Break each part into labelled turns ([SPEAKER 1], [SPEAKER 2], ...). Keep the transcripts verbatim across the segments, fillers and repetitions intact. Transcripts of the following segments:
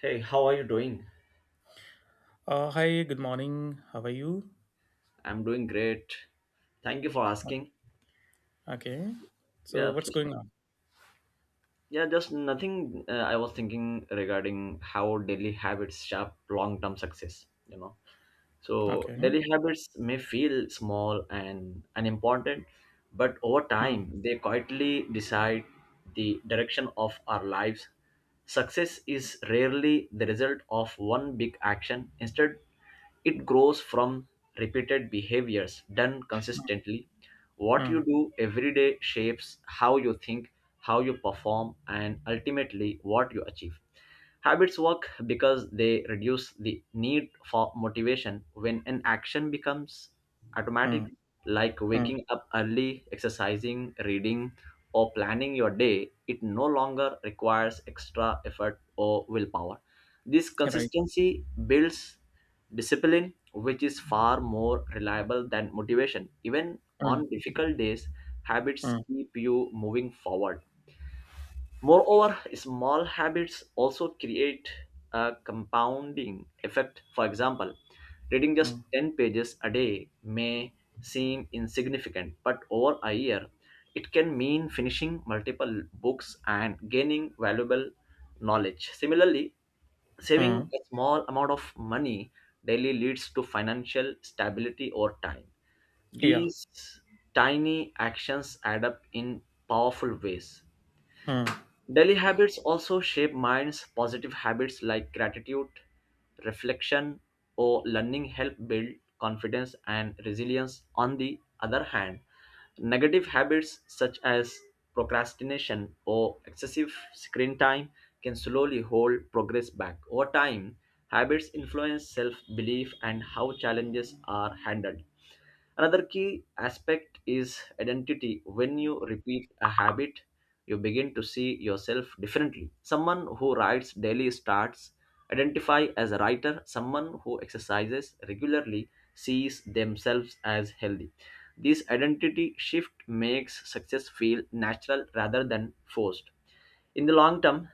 [SPEAKER 1] Hey, how are you doing?
[SPEAKER 2] Uh, hi, good morning. How are you?
[SPEAKER 1] I'm doing great. Thank you for
[SPEAKER 2] Uh,
[SPEAKER 1] asking.
[SPEAKER 2] Okay.
[SPEAKER 1] Yeah,
[SPEAKER 2] So what's
[SPEAKER 1] f-
[SPEAKER 2] going on?
[SPEAKER 1] yeah, just nothing. Uh, I was thinking regarding how daily habits shape long-term success. You know. So
[SPEAKER 2] Okay.
[SPEAKER 1] daily habits may feel small and unimportant, but over
[SPEAKER 2] Hmm,
[SPEAKER 1] time they quietly decide the direction of our lives. Success is rarely the result of one big action. Instead, it grows from repeated behaviors done
[SPEAKER 2] hmm,
[SPEAKER 1] consistently. What
[SPEAKER 2] hmm,
[SPEAKER 1] you do every day shapes how you think, how you perform, and ultimately what you achieve. Habits work because they reduce the need for motivation when an action becomes
[SPEAKER 2] hmm,
[SPEAKER 1] automatic, like
[SPEAKER 2] hmm.
[SPEAKER 1] waking up early, exercising, reading, or planning your day. It no longer requires extra effort or willpower. This
[SPEAKER 2] Right.
[SPEAKER 1] consistency builds discipline, which is far more reliable than motivation. Even
[SPEAKER 2] Hmm,
[SPEAKER 1] on difficult days, habits
[SPEAKER 2] hmm,
[SPEAKER 1] keep you moving forward. Moreover, small habits also create a compounding effect. For example, reading just
[SPEAKER 2] hmm,
[SPEAKER 1] ten pages a day may seem insignificant, but over a year, it can mean finishing multiple books and gaining valuable knowledge. Similarly, saving
[SPEAKER 2] hmm.
[SPEAKER 1] a small amount of money daily leads to financial stability over time.
[SPEAKER 2] Yeah.
[SPEAKER 1] These tiny actions add up in powerful ways.
[SPEAKER 2] Hmm,
[SPEAKER 1] Daily habits also shape minds. Positive habits like gratitude, reflection, or learning help build confidence and resilience. On the other hand, negative habits such as procrastination or excessive screen time can slowly hold progress back. Over time, habits influence self belief and how challenges are handled. Another key aspect is identity. When you repeat a habit, you begin to see yourself differently. Someone who writes daily starts identify as a writer. Someone who exercises regularly sees themselves as healthy. This identity shift makes success feel natural rather than forced. In the long term,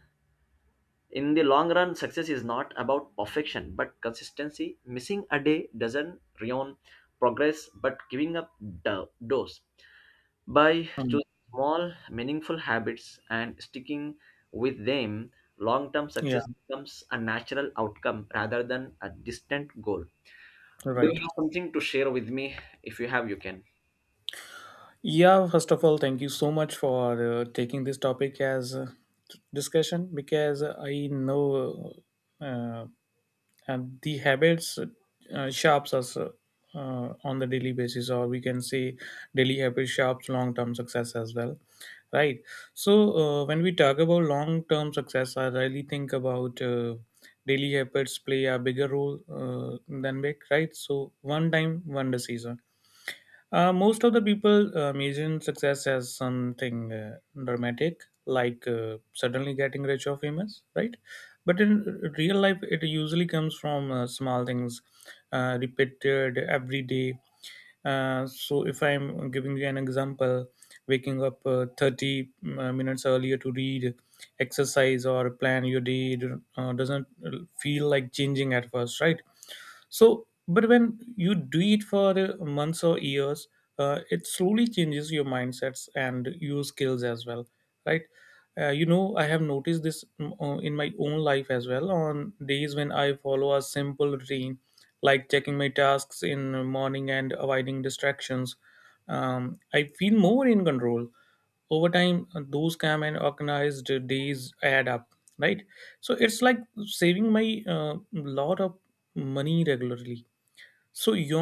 [SPEAKER 1] in the long run, success is not about perfection but consistency. Missing a day doesn't ruin progress, but giving up do- does By
[SPEAKER 2] hmm.
[SPEAKER 1] choosing small meaningful habits and sticking with them, long term
[SPEAKER 2] Yeah.
[SPEAKER 1] success becomes a natural outcome rather than a distant goal. Do
[SPEAKER 2] Right.
[SPEAKER 1] you have something to share with me? If you have, you can.
[SPEAKER 2] Yeah. First of all, thank you so much for uh, taking this topic as uh, discussion because I know uh, and the habits uh, sharps us uh, uh, on the daily basis, or we can say daily habit sharps long term success as well, right? So uh, when we talk about long term success, I really think about uh, daily habits play a bigger role uh, than big, right? So, one time one decision, uh, most of the people uh, imagine success as something uh, dramatic, like uh, suddenly getting rich or famous, right? But in real life, it usually comes from uh, small things, uh, repeated every day. Uh, so, if I'm giving you an example, waking up uh, thirty uh, minutes earlier to read, exercise, or plan your day uh, doesn't uh, feel like changing at first, right? So, but when you do it for uh, months or years, uh, it slowly changes your mindsets and your skills as well, right? Uh, you know, I have noticed this mm, uh, in my own life as well. On days when I follow a simple routine, like checking my tasks in the morning and avoiding distractions, um, I feel more in control over time. Uh, those calm and organized days add up, right? So it's like saving my uh, lot of money regularly. So you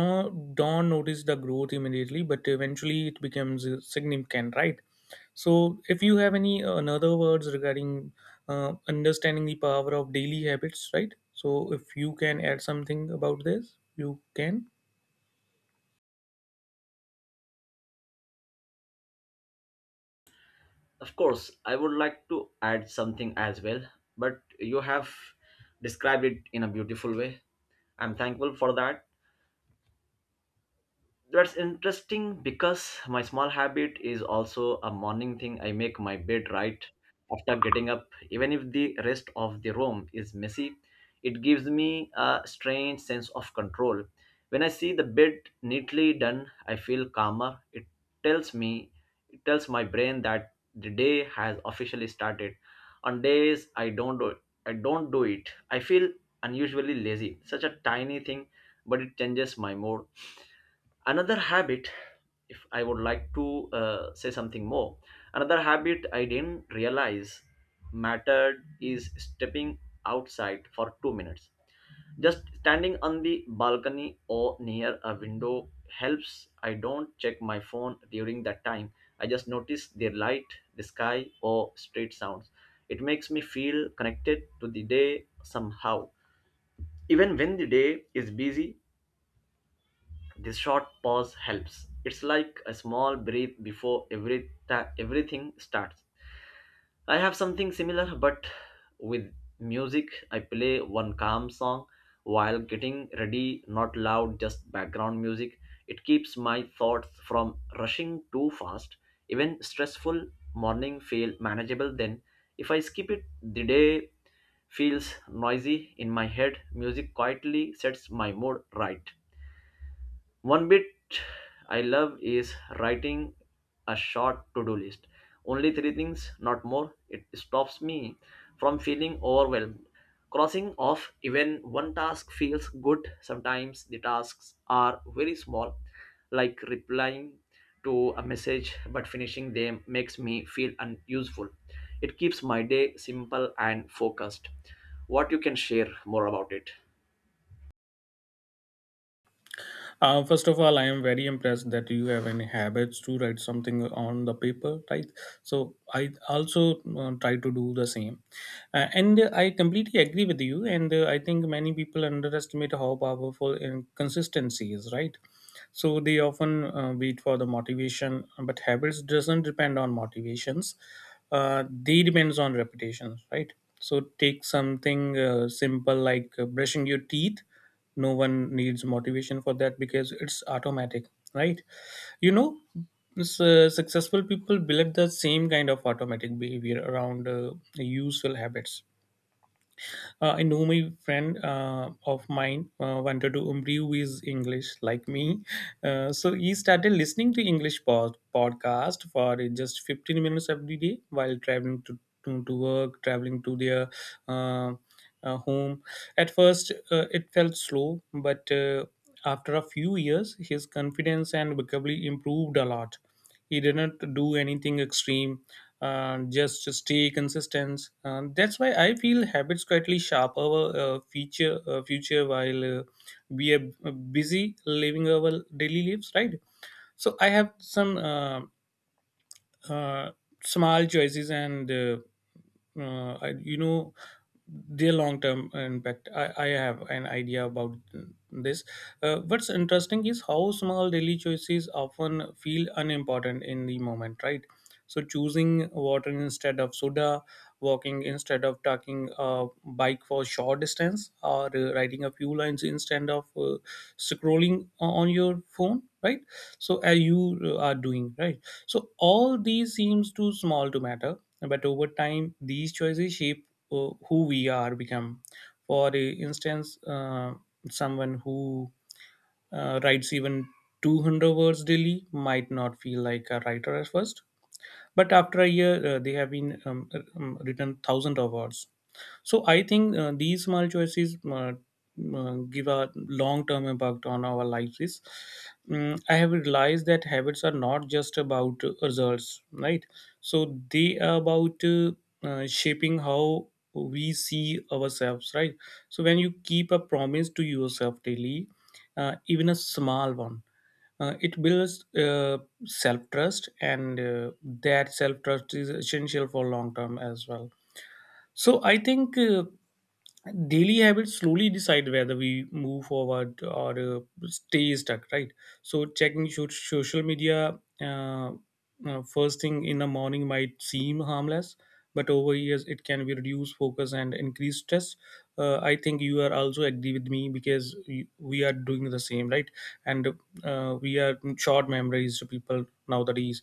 [SPEAKER 2] don't notice the growth immediately, but eventually it becomes uh, significant, right? So if you have any uh, another words regarding uh, understanding the power of daily habits, right? So if you can add something about this, you can.
[SPEAKER 1] Of course, I would like to add something as well, but you have described it in a beautiful way. I'm thankful for that. That's interesting because my small habit is also a morning thing. I make my bed right after getting up, even if the rest of the room is messy. It gives me a strange sense of control. When I see the bed neatly done, I feel calmer. It tells me, it tells my brain that the day has officially started. On days I don't do, I don't do it. I feel unusually lazy. Such a tiny thing, but it changes my mood. Another habit if I would like to uh, say something more Another habit I didn't realize mattered is stepping outside for two minutes. Just standing on the balcony or near a window helps. I don't check my phone during that time. I just notice the light, the sky, or street sounds. It makes me feel connected to the day somehow. Even when the day is busy, this short pause helps. It's like a small breath before every ta- everything starts. I have something similar, but with music. I play one calm song while getting ready, not loud, just background music. It keeps my thoughts from rushing too fast. Even stressful morning feel manageable then. If I skip it, the day feels noisy in my head. Music quietly sets my mood right. One bit I love is writing a short to do list. Only three things, not more. It stops me from feeling overwhelmed. Crossing off even one task feels good. Sometimes the tasks are very small, like replying to a message, but finishing them makes me feel unuseful. It keeps my day simple and focused. What you can share more about it?
[SPEAKER 2] Uh, first of all, I am very impressed that you have any habits to write something on the paper, right? So I also uh, try to do the same, uh, and uh, I completely agree with you. And uh, I think many people underestimate how powerful in- consistency is, right? So they often uh, wait for the motivation, but habits doesn't depend on motivations. Uh, they depends on repetition, right? So take something uh, simple, like uh, brushing your teeth. No one needs motivation for that because it's automatic, right? You know, s- uh, successful people build the same kind of automatic behavior around uh, useful habits. uh, I know my friend uh, of mine uh, wanted to improve his English like me. Uh, so he started listening to English pod- podcast for just fifteen minutes every day while traveling to, to, to work, traveling to their uh, uh, home. At first, uh, it felt slow, but uh, after a few years, his confidence and vocabulary improved a lot. He didn't do anything extreme and just to stay consistent. Um, that's why I feel habits quietly shape our uh, future, uh, future while uh, we are busy living our daily lives, right? So I have some uh, uh, small choices, and uh, uh, I- you know their long term impact. I, I have an idea about this. Uh, what's interesting is how small daily choices often feel unimportant in the moment, right? So, choosing water instead of soda, walking instead of taking a bike for short distance, or uh, writing a few lines instead of uh, scrolling on your phone, right? So, as you uh, are doing, right? So all these seems too small to matter, but over time, these choices shape uh, who we are become. For instance, uh, someone who uh, writes even two hundred words daily might not feel like a writer at first, but after a year, uh, they have been um, uh, um, written thousands of words. So I think uh, these small choices uh, uh, give a long-term impact on our lives. Is Mm, I have realized that habits are not just about uh, results, right? So they are about uh, uh, shaping how we see ourselves, right? So when you keep a promise to yourself daily, uh, even a small one, uh, it builds uh, self trust, and uh, that self trust is essential for long term as well. So I think. Uh, daily habits slowly decide whether we move forward or uh, stay stuck, right? So checking should social media uh, uh, first thing in the morning might seem harmless, but over years it can be reduce focus and increase stress. uh, I think you are also agree with me, because we we are doing the same, right? And uh, we are short memories to people nowadays.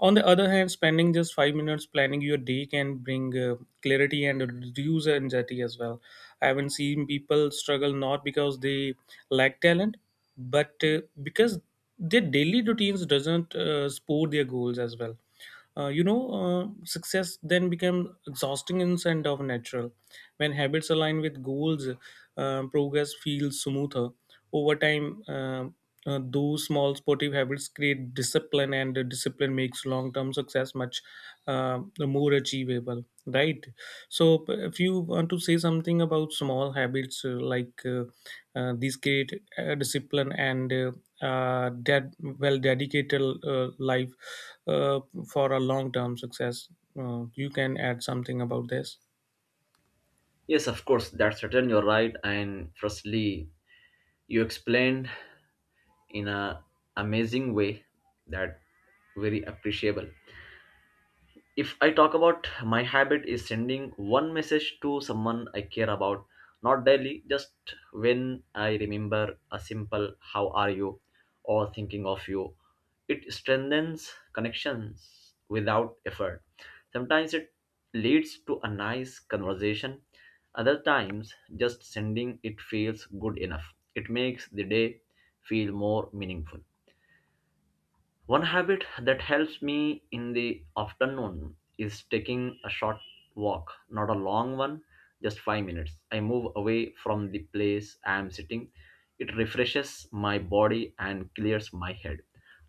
[SPEAKER 2] On the other hand, spending just five minutes planning your day can bring uh, clarity and reduce anxiety as well. I haven't seen people struggle not because they lack talent, but uh, because their daily routines doesn't uh, support their goals as well. Uh, you know, uh, Success then become exhausting instead of natural. When habits align with goals, uh, progress feels smoother over time. Um, uh, those small sportive habits create discipline, and the discipline makes long-term success much uh, more achievable, right? So, p- if you want to say something about small habits, uh, like uh, uh, these create uh, discipline and uh, uh, ded- well dedicated uh, life uh, for a long-term success, uh, you can add something about this.
[SPEAKER 1] Yes, of course, that's certain. You're right. And firstly, you explained in a amazing way that very appreciable. If I talk about my habit, is sending one message to someone I care about, not daily, just when I remember. A simple how are you or thinking of you, it strengthens connections without effort. Sometimes it leads to a nice conversation, other times just sending it feels good enough. It makes the day feel more meaningful. One habit that helps me in the afternoon is taking a short walk, not a long one, just five minutes. I move away from the place I am sitting. It refreshes my body and clears my head.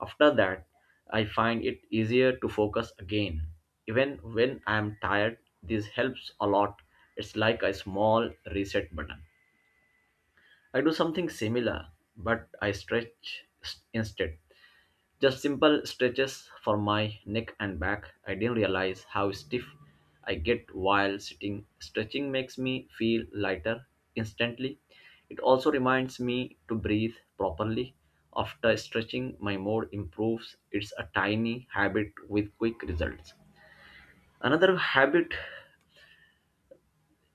[SPEAKER 1] After that, I find it easier to focus again. Even when I am tired, this helps a lot. It's like a small reset button. I do something similar, but I stretch s- instead. Just simple stretches for my neck and back. I didn't realize how stiff I get while sitting. Stretching makes me feel lighter instantly. It also reminds me to breathe properly. After stretching, my mood improves. It's a tiny habit with quick results. Another habit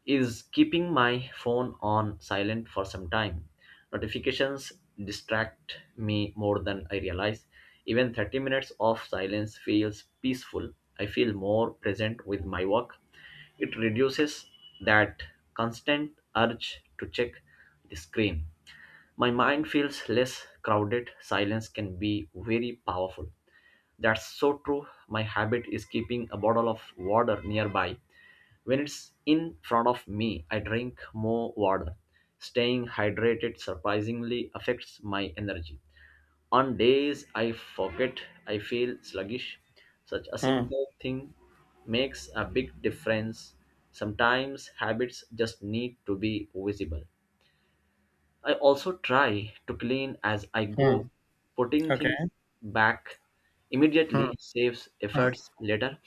[SPEAKER 1] is keeping my phone on silent for some time. Notifications distract me more than I realize. Even thirty minutes of silence feels peaceful. I feel more present with my work. It reduces that constant urge to check the screen. My mind feels less crowded. Silence can be very powerful. That's so true. My habit is keeping a bottle of water nearby. When it's in front of me, I drink more water. Staying hydrated surprisingly affects my energy. On days I forget, I feel sluggish. Such a
[SPEAKER 2] Hmm.
[SPEAKER 1] simple thing makes a big difference. Sometimes habits just need to be visible. I also try to clean as I go.
[SPEAKER 2] Hmm.
[SPEAKER 1] Putting
[SPEAKER 2] Okay.
[SPEAKER 1] things back
[SPEAKER 2] Hmm.
[SPEAKER 1] immediately saves
[SPEAKER 2] Hmm.
[SPEAKER 1] efforts later.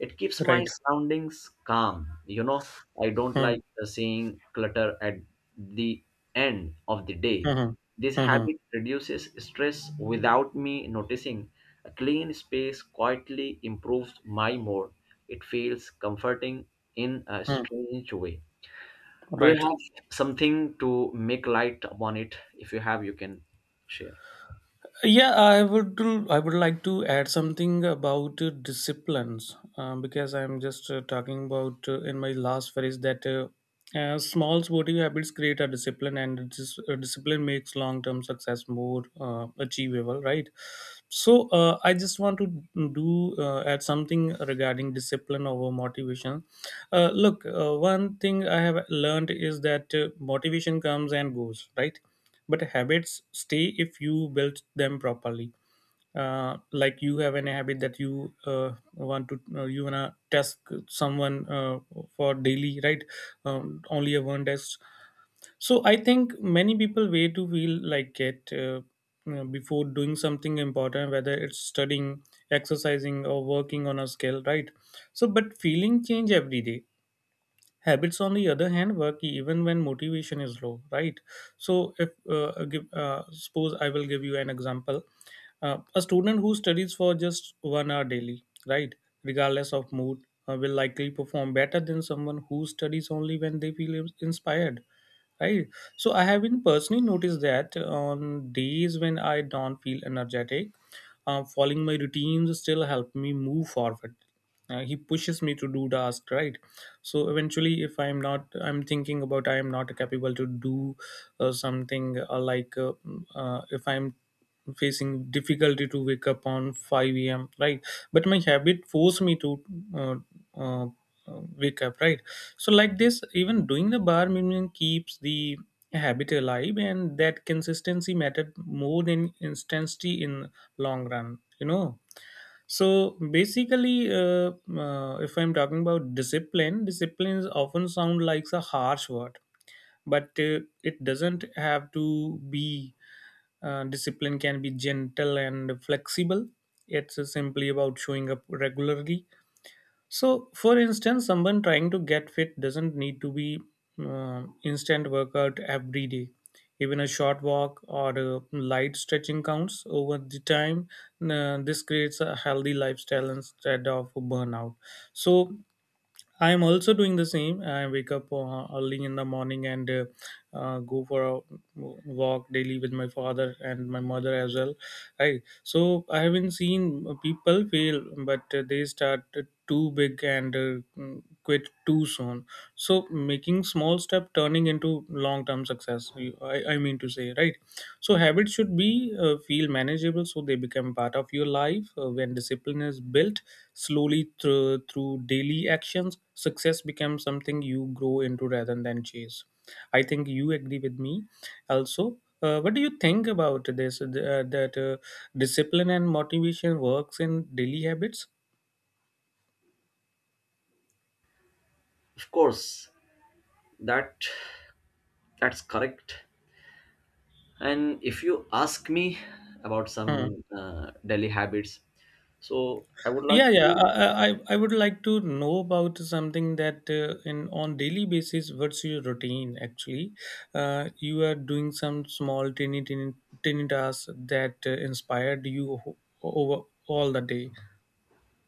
[SPEAKER 1] It keeps my
[SPEAKER 2] Right.
[SPEAKER 1] surroundings calm. You know, I don't
[SPEAKER 2] Hmm.
[SPEAKER 1] like uh, seeing clutter at the end of the day.
[SPEAKER 2] Hmm.
[SPEAKER 1] This
[SPEAKER 2] Hmm.
[SPEAKER 1] habit reduces stress without me noticing. A clean space quietly improves my mood. It feels comforting in a
[SPEAKER 2] Hmm,
[SPEAKER 1] strange way. Do you
[SPEAKER 2] right.
[SPEAKER 1] have something to make light upon it? If you have, you can share.
[SPEAKER 2] Yeah, I would I would like to add something about uh, disciplines um, because I'm just uh, talking about uh, in my last phrase that uh, uh, small sportive habits create a discipline, and dis- uh, discipline makes long-term success more uh, achievable, right? So uh, I just want to do uh, add something regarding discipline over motivation. Uh, look, uh, one thing I have learned is that uh, motivation comes and goes, right? But habits stay if you build them properly. Uh, like, you have an habit that you uh, want to uh, you wanna test someone uh, for daily, right? Um, only a one test. So I think many people way to feel like it, uh, you know, before doing something important, whether it's studying, exercising, or working on a skill, right? So but feeling change every day. Habits, on the other hand, work even when motivation is low, right? So if uh, uh, give, uh, suppose I will give you an example. Uh, a student who studies for just one hour daily, right, regardless of mood, uh, will likely perform better than someone who studies only when they feel ins- inspired, right? So I have been personally noticed that on days when I don't feel energetic, um, following my routines still help me move forward. Uh, he pushes me to do task, right? So eventually, if I'm not I'm thinking about I am not capable to do uh, something uh, like uh, mm, uh, if I'm facing difficulty to wake up on five a m, right? But my habit forced me to uh, uh, wake up, right? So, like this, even doing the bar minimum keeps the habit alive, and that consistency mattered more than intensity in long run. You know. So basically, uh, uh, if I'm talking about discipline, disciplines often sound like a harsh word, but uh, it doesn't have to be. Uh, discipline can be gentle and flexible. It's simply about showing up regularly. So, for instance, someone trying to get fit doesn't need to be uh, instant workout every day. Even a short walk or a light stretching counts over the time. Uh, this creates a healthy lifestyle instead of burnout. So, I am also doing the same. I wake up uh, early in the morning and uh, uh, go for a walk daily with my father and my mother as well. Right. So I haven't seen people fail, but uh, they start too big and uh, quit too soon. So making small step turning into long term success. you- I, I mean to say, right. So habits should be uh, feel manageable, so they become part of your life. Uh, when discipline is built, slowly, through through daily actions, success becomes something you grow into rather than chase. I think you agree with me. Also, uh, what do you think about this? Uh, that uh, discipline and motivation works in daily habits.
[SPEAKER 1] Of course, that that's correct. And if you ask me about
[SPEAKER 2] Hmm.
[SPEAKER 1] some uh, daily habits, so I would like
[SPEAKER 2] Yeah, yeah.
[SPEAKER 1] to.
[SPEAKER 2] I, I I I would like to know about something that uh, in on daily basis. What's your routine, actually? Uh, you are doing some small, tiny, tiny, tiny tasks that uh, inspired you ho- over all the day.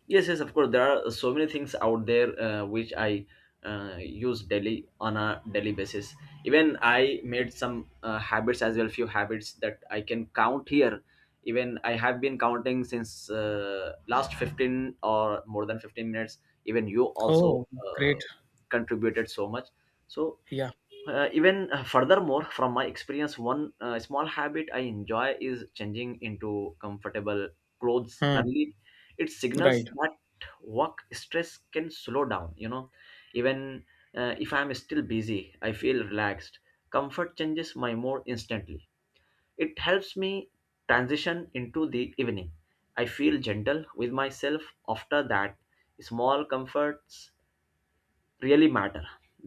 [SPEAKER 1] Yes, yes, of course. There are so many things out there uh, which I uh, use daily on a daily basis. Even I made some uh, habits as well, few habits that I can count here. Even I have been counting since uh, last fifteen or more than fifteen minutes. Even you also
[SPEAKER 2] Oh,
[SPEAKER 1] uh,
[SPEAKER 2] great.
[SPEAKER 1] contributed so much. So
[SPEAKER 2] Yeah.
[SPEAKER 1] uh, even uh, furthermore, from my experience, one uh, small habit I enjoy is changing into comfortable clothes
[SPEAKER 2] Hmm.
[SPEAKER 1] early. It signals
[SPEAKER 2] Right.
[SPEAKER 1] that work stress can slow down. You know, even uh, if I'm still busy, I feel relaxed. Comfort changes my mood instantly. It helps me transition into the evening. I feel gentle with myself after that. Small comforts really matter.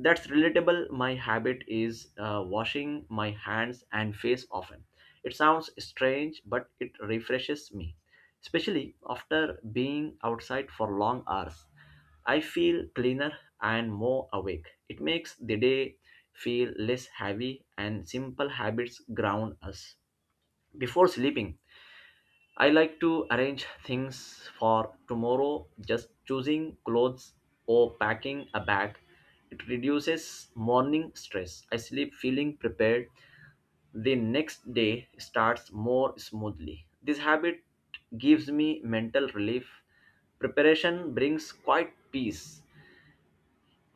[SPEAKER 1] That's relatable. My habit is uh, washing my hands and face often. It sounds strange, but it refreshes me, especially after being outside for long hours. I feel cleaner and more awake. It makes the day feel less heavy, and simple habits ground us. Before sleeping, I like to arrange things for tomorrow, just choosing clothes or packing a bag. It reduces morning stress. I sleep feeling prepared. The next day starts more smoothly. This habit gives me mental relief. Preparation brings quite peace.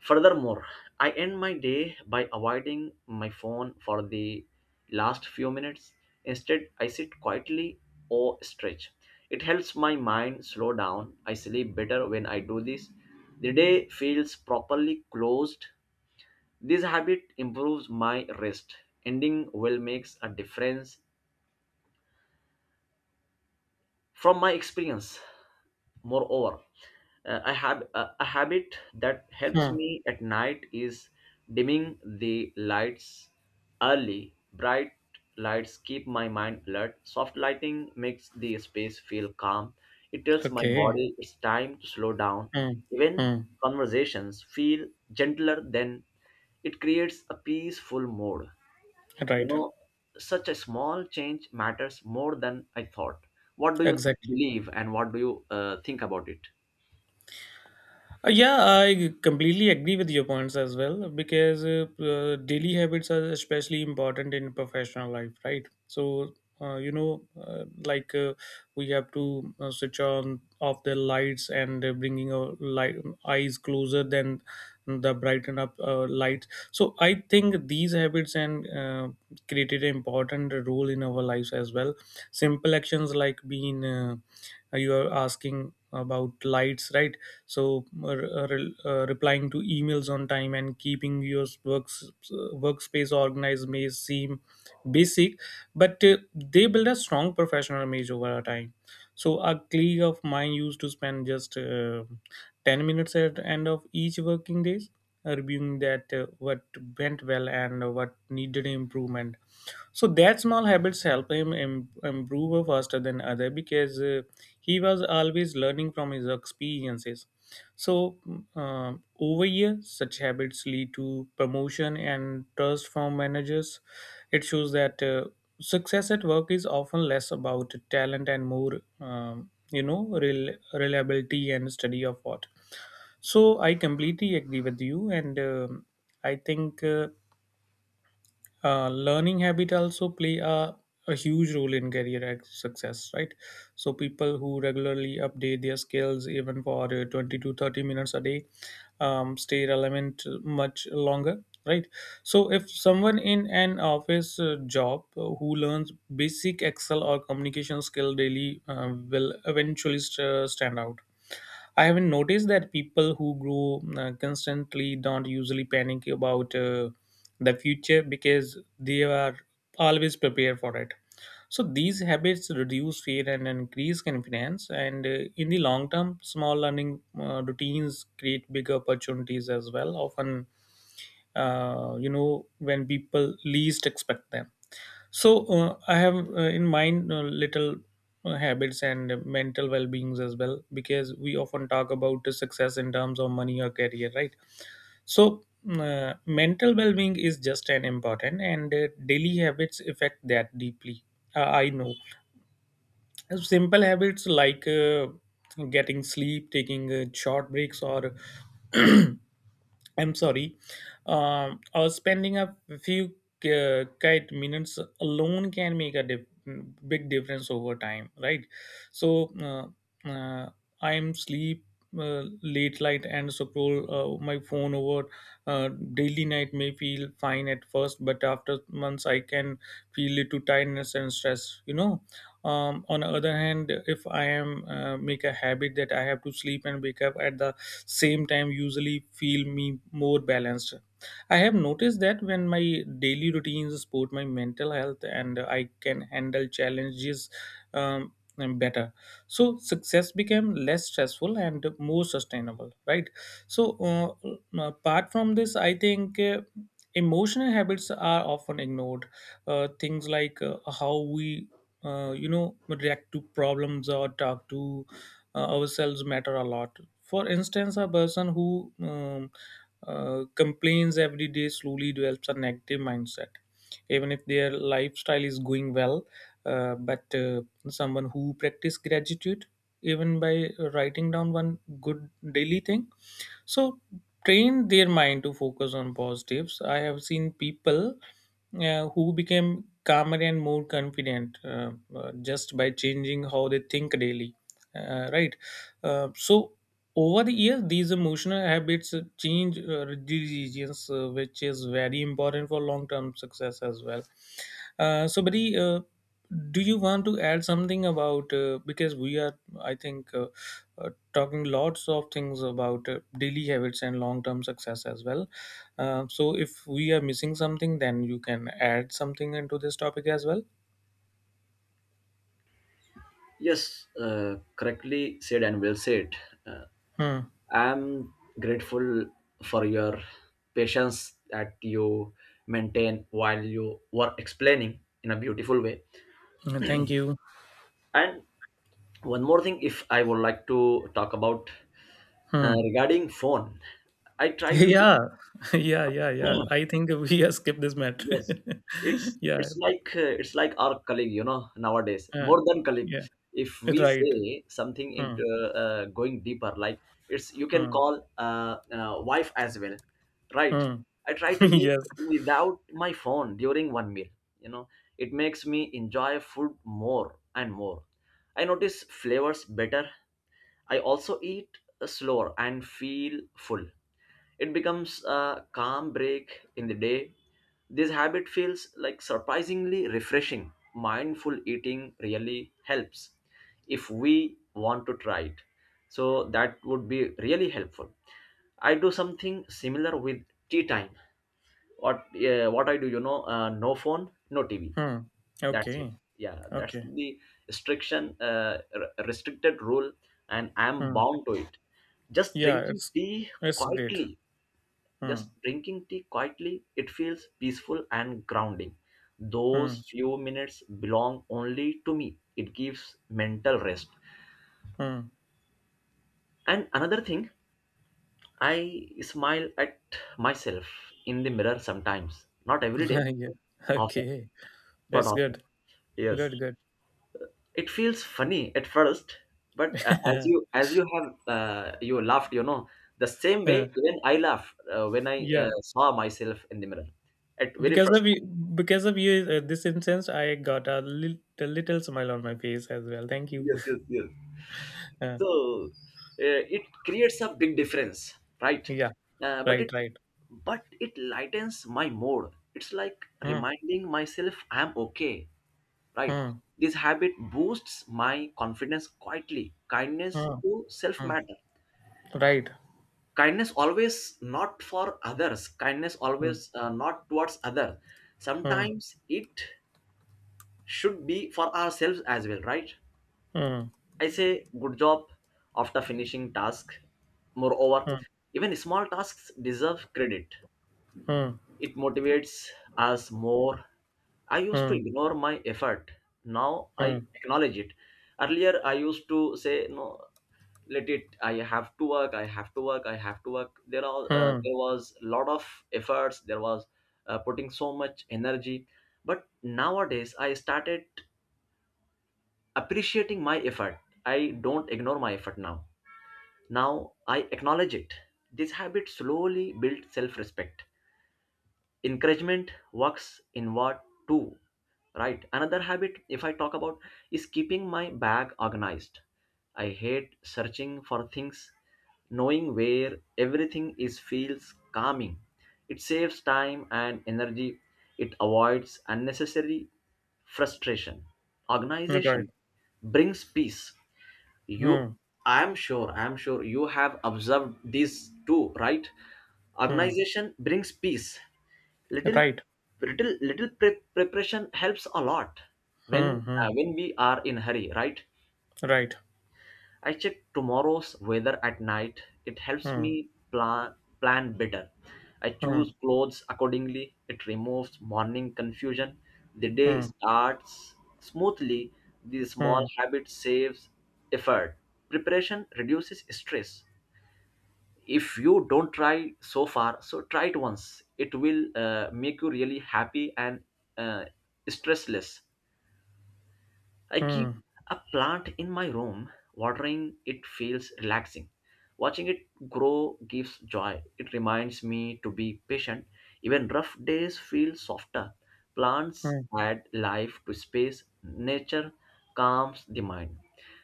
[SPEAKER 1] Furthermore, I end my day by avoiding my phone for the last few minutes. Instead, I sit quietly or stretch. It helps my mind slow down. I sleep better when I do this. The day feels properly closed. This habit improves my rest. Ending well makes a difference from my experience. Moreover, uh, I have a a habit that helps
[SPEAKER 2] Hmm.
[SPEAKER 1] me at night, is dimming the lights early. Bright lights keep my mind alert. Soft lighting makes the space feel calm. It tells my
[SPEAKER 2] Okay.
[SPEAKER 1] body it's time to slow down.
[SPEAKER 2] Hmm.
[SPEAKER 1] Even
[SPEAKER 2] Hmm.
[SPEAKER 1] conversations feel gentler then. It creates a peaceful mood. You
[SPEAKER 2] Right.
[SPEAKER 1] know, such a small change matters more than I thought. What do you
[SPEAKER 2] Exactly.
[SPEAKER 1] believe and what do you uh, think about it?
[SPEAKER 2] Uh, yeah, I completely agree with your points as well, because uh, uh, daily habits are especially important in professional life, right? So, uh, you know, uh, like uh, we have to uh, switch on off the lights and uh, bringing our light, eyes closer than the brighten up uh, lights. So I think these habits and uh, created an important role in our lives as well. Simple actions like being uh, you are asking about lights, right? So uh, re- uh, replying to emails on time and keeping your works workspace organized may seem basic, but uh, they build a strong professional image over a time. So a colleague of mine used to spend just uh, ten minutes at the end of each working days, reviewing that uh, what went well and what needed improvement. So that small habits help him im- improve faster than other, because uh, he was always learning from his experiences. So uh, over years, such habits lead to promotion and trust from managers. It shows that uh, success at work is often less about talent and more, um, you know, rel- reliability and study of what. So I completely agree with you, and um I think. Uh, uh, learning habit also play a, a huge role in career ex- success, right? So people who regularly update their skills even for uh, twenty to thirty minutes a day, um, stay relevant much longer, right? So if someone in an office uh, job uh, who learns basic excel or communication skill daily uh, will eventually st- stand out. I haven't noticed that people who grow uh, constantly don't usually panic about uh, the future because they are always prepared for it. So these habits reduce fear and increase confidence. And uh, in the long term, small learning uh, routines create bigger opportunities as well. Often, uh, you know, when people least expect them. So uh, I have uh, in mind uh, little uh, habits and mental well-beings as well, because we often talk about the success in terms of money or career, right? So uh, mental well-being is just an important and uh, daily habits affect that deeply. Uh, I know simple habits like uh, getting sleep, taking uh, short breaks, or I'm sorry. Um, or spending a few uh, kite minutes alone can make a dif- big difference over time, right? So uh, uh, I'm sleep uh, late night and scroll uh, my phone over uh, daily night may feel fine at first, but after months I can feel little tiredness and stress. You know, um, on the other hand, if I am uh, make a habit that I have to sleep and wake up at the same time, usually feel me more balanced. I have noticed that when my daily routines support my mental health, and I can handle challenges um, and better, so success became less stressful and more sustainable, right? So uh, uh, apart from this I think uh, emotional habits are often ignored. Uh, things like uh, how we uh, you know react to problems or talk to uh, ourselves matter a lot. For instance, a person who um, uh, complains every day slowly develops a negative mindset, even if their lifestyle is going well. Uh, but uh, someone who practice gratitude, even by writing down one good daily thing, so train their mind to focus on positives. I have seen people uh, who became calmer and more confident, uh, uh, just by changing how they think daily, uh, right. Uh, so over the years, these emotional habits change uh, decisions, uh, which is very important for long term success as well. Uh, so buddy, uh, do you want to add something about uh, because we are, I think uh, uh, talking lots of things about uh, daily habits and long term success as well. Uh, so if we are missing something, then you can add something into this topic as well.
[SPEAKER 1] Yes, uh, correctly said and well said. Uh,
[SPEAKER 2] Hmm.
[SPEAKER 1] I'm grateful for your patience that you maintain while you were explaining in a beautiful way.
[SPEAKER 2] Thank you.
[SPEAKER 1] And one more thing, if I would like to talk about uh,
[SPEAKER 2] Hmm.
[SPEAKER 1] regarding phone, I try to.
[SPEAKER 2] Yeah, yeah, yeah, yeah. I think we have skipped this matter.
[SPEAKER 1] Yes, it's
[SPEAKER 2] Yeah,
[SPEAKER 1] it's like uh, it's like our colleague, you know, nowadays
[SPEAKER 2] uh,
[SPEAKER 1] more than colleague.
[SPEAKER 2] yeah,
[SPEAKER 1] If we
[SPEAKER 2] right.
[SPEAKER 1] say something
[SPEAKER 2] Hmm.
[SPEAKER 1] into uh, going deeper, like it's, you can
[SPEAKER 2] Hmm.
[SPEAKER 1] call uh, uh, wife as well, right?
[SPEAKER 2] Hmm.
[SPEAKER 1] I try to eat
[SPEAKER 2] Yes.
[SPEAKER 1] without my phone during one meal. You know, it makes me enjoy food more and more. I notice flavors better. I also eat uh, slower and feel full. It becomes a calm break in the day. This habit feels like surprisingly refreshing. Mindful eating really helps if we want to try it. So that would be really helpful. I do something similar with tea time. What uh, what I do, you know, uh, no phone, no T V.
[SPEAKER 2] Hmm.
[SPEAKER 1] That's it.
[SPEAKER 2] Okay.
[SPEAKER 1] Yeah, that's
[SPEAKER 2] Okay.
[SPEAKER 1] the restriction, uh, r- restricted rule, and I'm
[SPEAKER 2] Hmm.
[SPEAKER 1] bound to it. Just
[SPEAKER 2] Yeah,
[SPEAKER 1] drinking
[SPEAKER 2] it's
[SPEAKER 1] tea
[SPEAKER 2] it's great.
[SPEAKER 1] quietly
[SPEAKER 2] Hmm.
[SPEAKER 1] just drinking tea quietly, it feels peaceful and grounding. Those
[SPEAKER 2] Hmm.
[SPEAKER 1] few minutes belong only to me. It gives mental rest.
[SPEAKER 2] Hmm.
[SPEAKER 1] And another thing, I smile at myself in the mirror sometimes. Not every day,
[SPEAKER 2] Yeah.
[SPEAKER 1] but often.
[SPEAKER 2] Okay.
[SPEAKER 1] But
[SPEAKER 2] That's
[SPEAKER 1] often.
[SPEAKER 2] good.
[SPEAKER 1] Yes.
[SPEAKER 2] Good. Good.
[SPEAKER 1] It feels funny at first, but uh, as you as you have uh, you laughed, you know, the same
[SPEAKER 2] Yeah.
[SPEAKER 1] way even I laughed uh, when I uh,
[SPEAKER 2] Yeah.
[SPEAKER 1] saw myself in the mirror at very
[SPEAKER 2] Because
[SPEAKER 1] first
[SPEAKER 2] of you,
[SPEAKER 1] time.
[SPEAKER 2] because of you uh, this instance I got a little, little smile on my face as well. Thank you.
[SPEAKER 1] Yes, yes, yes.
[SPEAKER 2] uh,
[SPEAKER 1] So, uh, it creates a big difference, right?
[SPEAKER 2] yeah,
[SPEAKER 1] Uh, but
[SPEAKER 2] right,
[SPEAKER 1] it
[SPEAKER 2] right.
[SPEAKER 1] but it lightens my mood. It's like
[SPEAKER 2] Hmm.
[SPEAKER 1] reminding myself I'm okay, right?
[SPEAKER 2] Hmm.
[SPEAKER 1] This habit boosts my confidence quietly. Kindness
[SPEAKER 2] Hmm.
[SPEAKER 1] to self
[SPEAKER 2] Hmm.
[SPEAKER 1] matter.
[SPEAKER 2] Right.
[SPEAKER 1] Kindness always not for others. Kindness
[SPEAKER 2] Hmm.
[SPEAKER 1] always uh, not towards others.
[SPEAKER 2] Hmm.
[SPEAKER 1] Sometimes it should be for ourselves as well, right?
[SPEAKER 2] Hmm.
[SPEAKER 1] I say good job after finishing task. Moreover, even small tasks deserve credit.
[SPEAKER 2] Hmm.
[SPEAKER 1] It motivates us more. I used to
[SPEAKER 2] Hmm.
[SPEAKER 1] ignore my effort. Now I
[SPEAKER 2] Hmm.
[SPEAKER 1] acknowledge it. Earlier I used to say no, let it. I have to work. I have to work. I have to work. There are uh,
[SPEAKER 2] Hmm.
[SPEAKER 1] there was a lot of efforts. There was uh, putting so much energy. But nowadays I started appreciating my effort. I don't ignore my effort now. Now I acknowledge it. This habit slowly builds self respect. Encouragement works inward too, right? Another habit, if I talk about, is keeping my bag organized. I hate searching for things. Knowing where everything is feels calming. It saves time and energy. It avoids unnecessary frustration.
[SPEAKER 2] Hmm. Right.
[SPEAKER 1] Organization brings peace. You,
[SPEAKER 2] Hmm.
[SPEAKER 1] I'm sure, I'm sure you have observed these too, right?
[SPEAKER 2] Hmm.
[SPEAKER 1] Organization brings peace. Little, little, little pre- preparation helps a lot when uh, when we are in hurry, right?
[SPEAKER 2] Right.
[SPEAKER 1] I check tomorrow's weather at night. It helps
[SPEAKER 2] Hmm.
[SPEAKER 1] me plan plan better. I choose
[SPEAKER 2] Hmm.
[SPEAKER 1] clothes accordingly. It removes morning confusion. The
[SPEAKER 2] Right.
[SPEAKER 1] day
[SPEAKER 2] Hmm. Hmm.
[SPEAKER 1] starts smoothly. These small
[SPEAKER 2] Hmm.
[SPEAKER 1] habit saves effort. Preparation reduces stress. If you don't try so far, so try it once. It will uh, make you really happy and uh, stressless. I keep
[SPEAKER 2] Hmm. Hmm.
[SPEAKER 1] a plant in my room. Watering it feels relaxing. Watching it grow gives joy. It reminds me to be patient. Even rough days feel softer. Plants
[SPEAKER 2] Hmm.
[SPEAKER 1] add life to space. Nature calms the mind.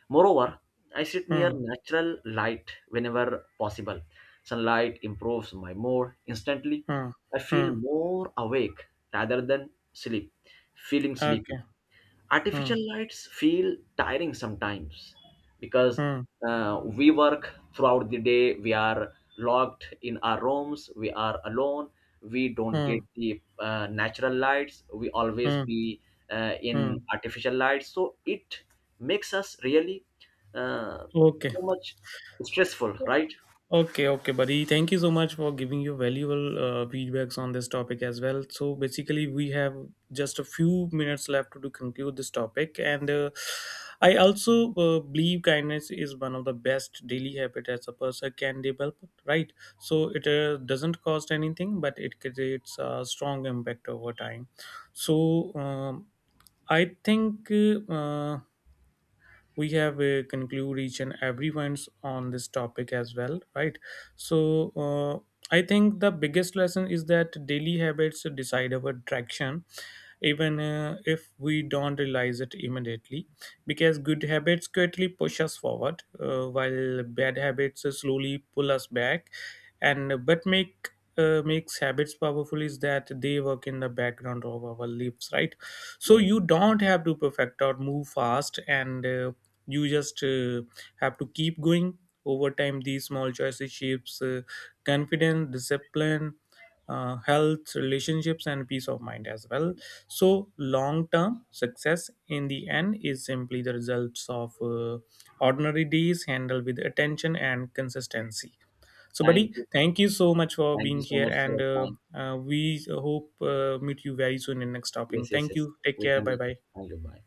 [SPEAKER 1] Moreover, I sit near
[SPEAKER 2] Hmm.
[SPEAKER 1] natural light whenever possible. Sunlight improves my mood instantly.
[SPEAKER 2] Hmm.
[SPEAKER 1] I
[SPEAKER 2] Hmm.
[SPEAKER 1] feel more awake rather than sleep, feeling sleepy.
[SPEAKER 2] Okay. Hmm.
[SPEAKER 1] Artificial lights feel tiring sometimes because
[SPEAKER 2] Hmm.
[SPEAKER 1] uh, we work throughout the day. We are locked in our rooms, we are alone, we don't get
[SPEAKER 2] Hmm.
[SPEAKER 1] the uh, natural lights, we always
[SPEAKER 2] Hmm.
[SPEAKER 1] be uh,
[SPEAKER 2] Hmm.
[SPEAKER 1] in artificial lights, so it makes us really uh,
[SPEAKER 2] Okay.
[SPEAKER 1] so much stressful, right?
[SPEAKER 2] Okay, okay, buddy. Thank you so much for giving your valuable uh, feedbacks on this topic as well. So basically, we have just a few minutes left to conclude this topic, and uh, I also uh, believe kindness is one of the best daily habit as a person can develop. Right, so it uh, doesn't cost anything, but it creates a strong impact over time. So um, I think. Uh, we have uh, conclude each and every ones on this topic as well, right? So uh, I think the biggest lesson is that daily habits decide our direction, even uh, if we don't realize it immediately, because good habits quietly push us forward, uh, while bad habits uh, slowly pull us back. And but make uh, makes habits powerful is that they work in the background of our lives, right? So
[SPEAKER 1] Yes,
[SPEAKER 2] you don't have to perfect or move fast, and uh, you just uh, have to keep going. Over time, these small choices shapes uh, confidence, discipline, uh, health, relationships, and peace of mind as well. So long term success in the end is simply the results of uh, ordinary days handled with attention and consistency. So
[SPEAKER 1] thank
[SPEAKER 2] buddy,
[SPEAKER 1] you.
[SPEAKER 2] thank you so much for
[SPEAKER 1] Thank you
[SPEAKER 2] being
[SPEAKER 1] so
[SPEAKER 2] here,
[SPEAKER 1] much for
[SPEAKER 2] and
[SPEAKER 1] your
[SPEAKER 2] uh,
[SPEAKER 1] time.
[SPEAKER 2] uh, we hope uh, meet you very soon in next topic.
[SPEAKER 1] Yes, yes,
[SPEAKER 2] Thank
[SPEAKER 1] yes,
[SPEAKER 2] you. Take
[SPEAKER 1] we
[SPEAKER 2] care.
[SPEAKER 1] can.
[SPEAKER 2] Bye bye.
[SPEAKER 1] Thank you, bye.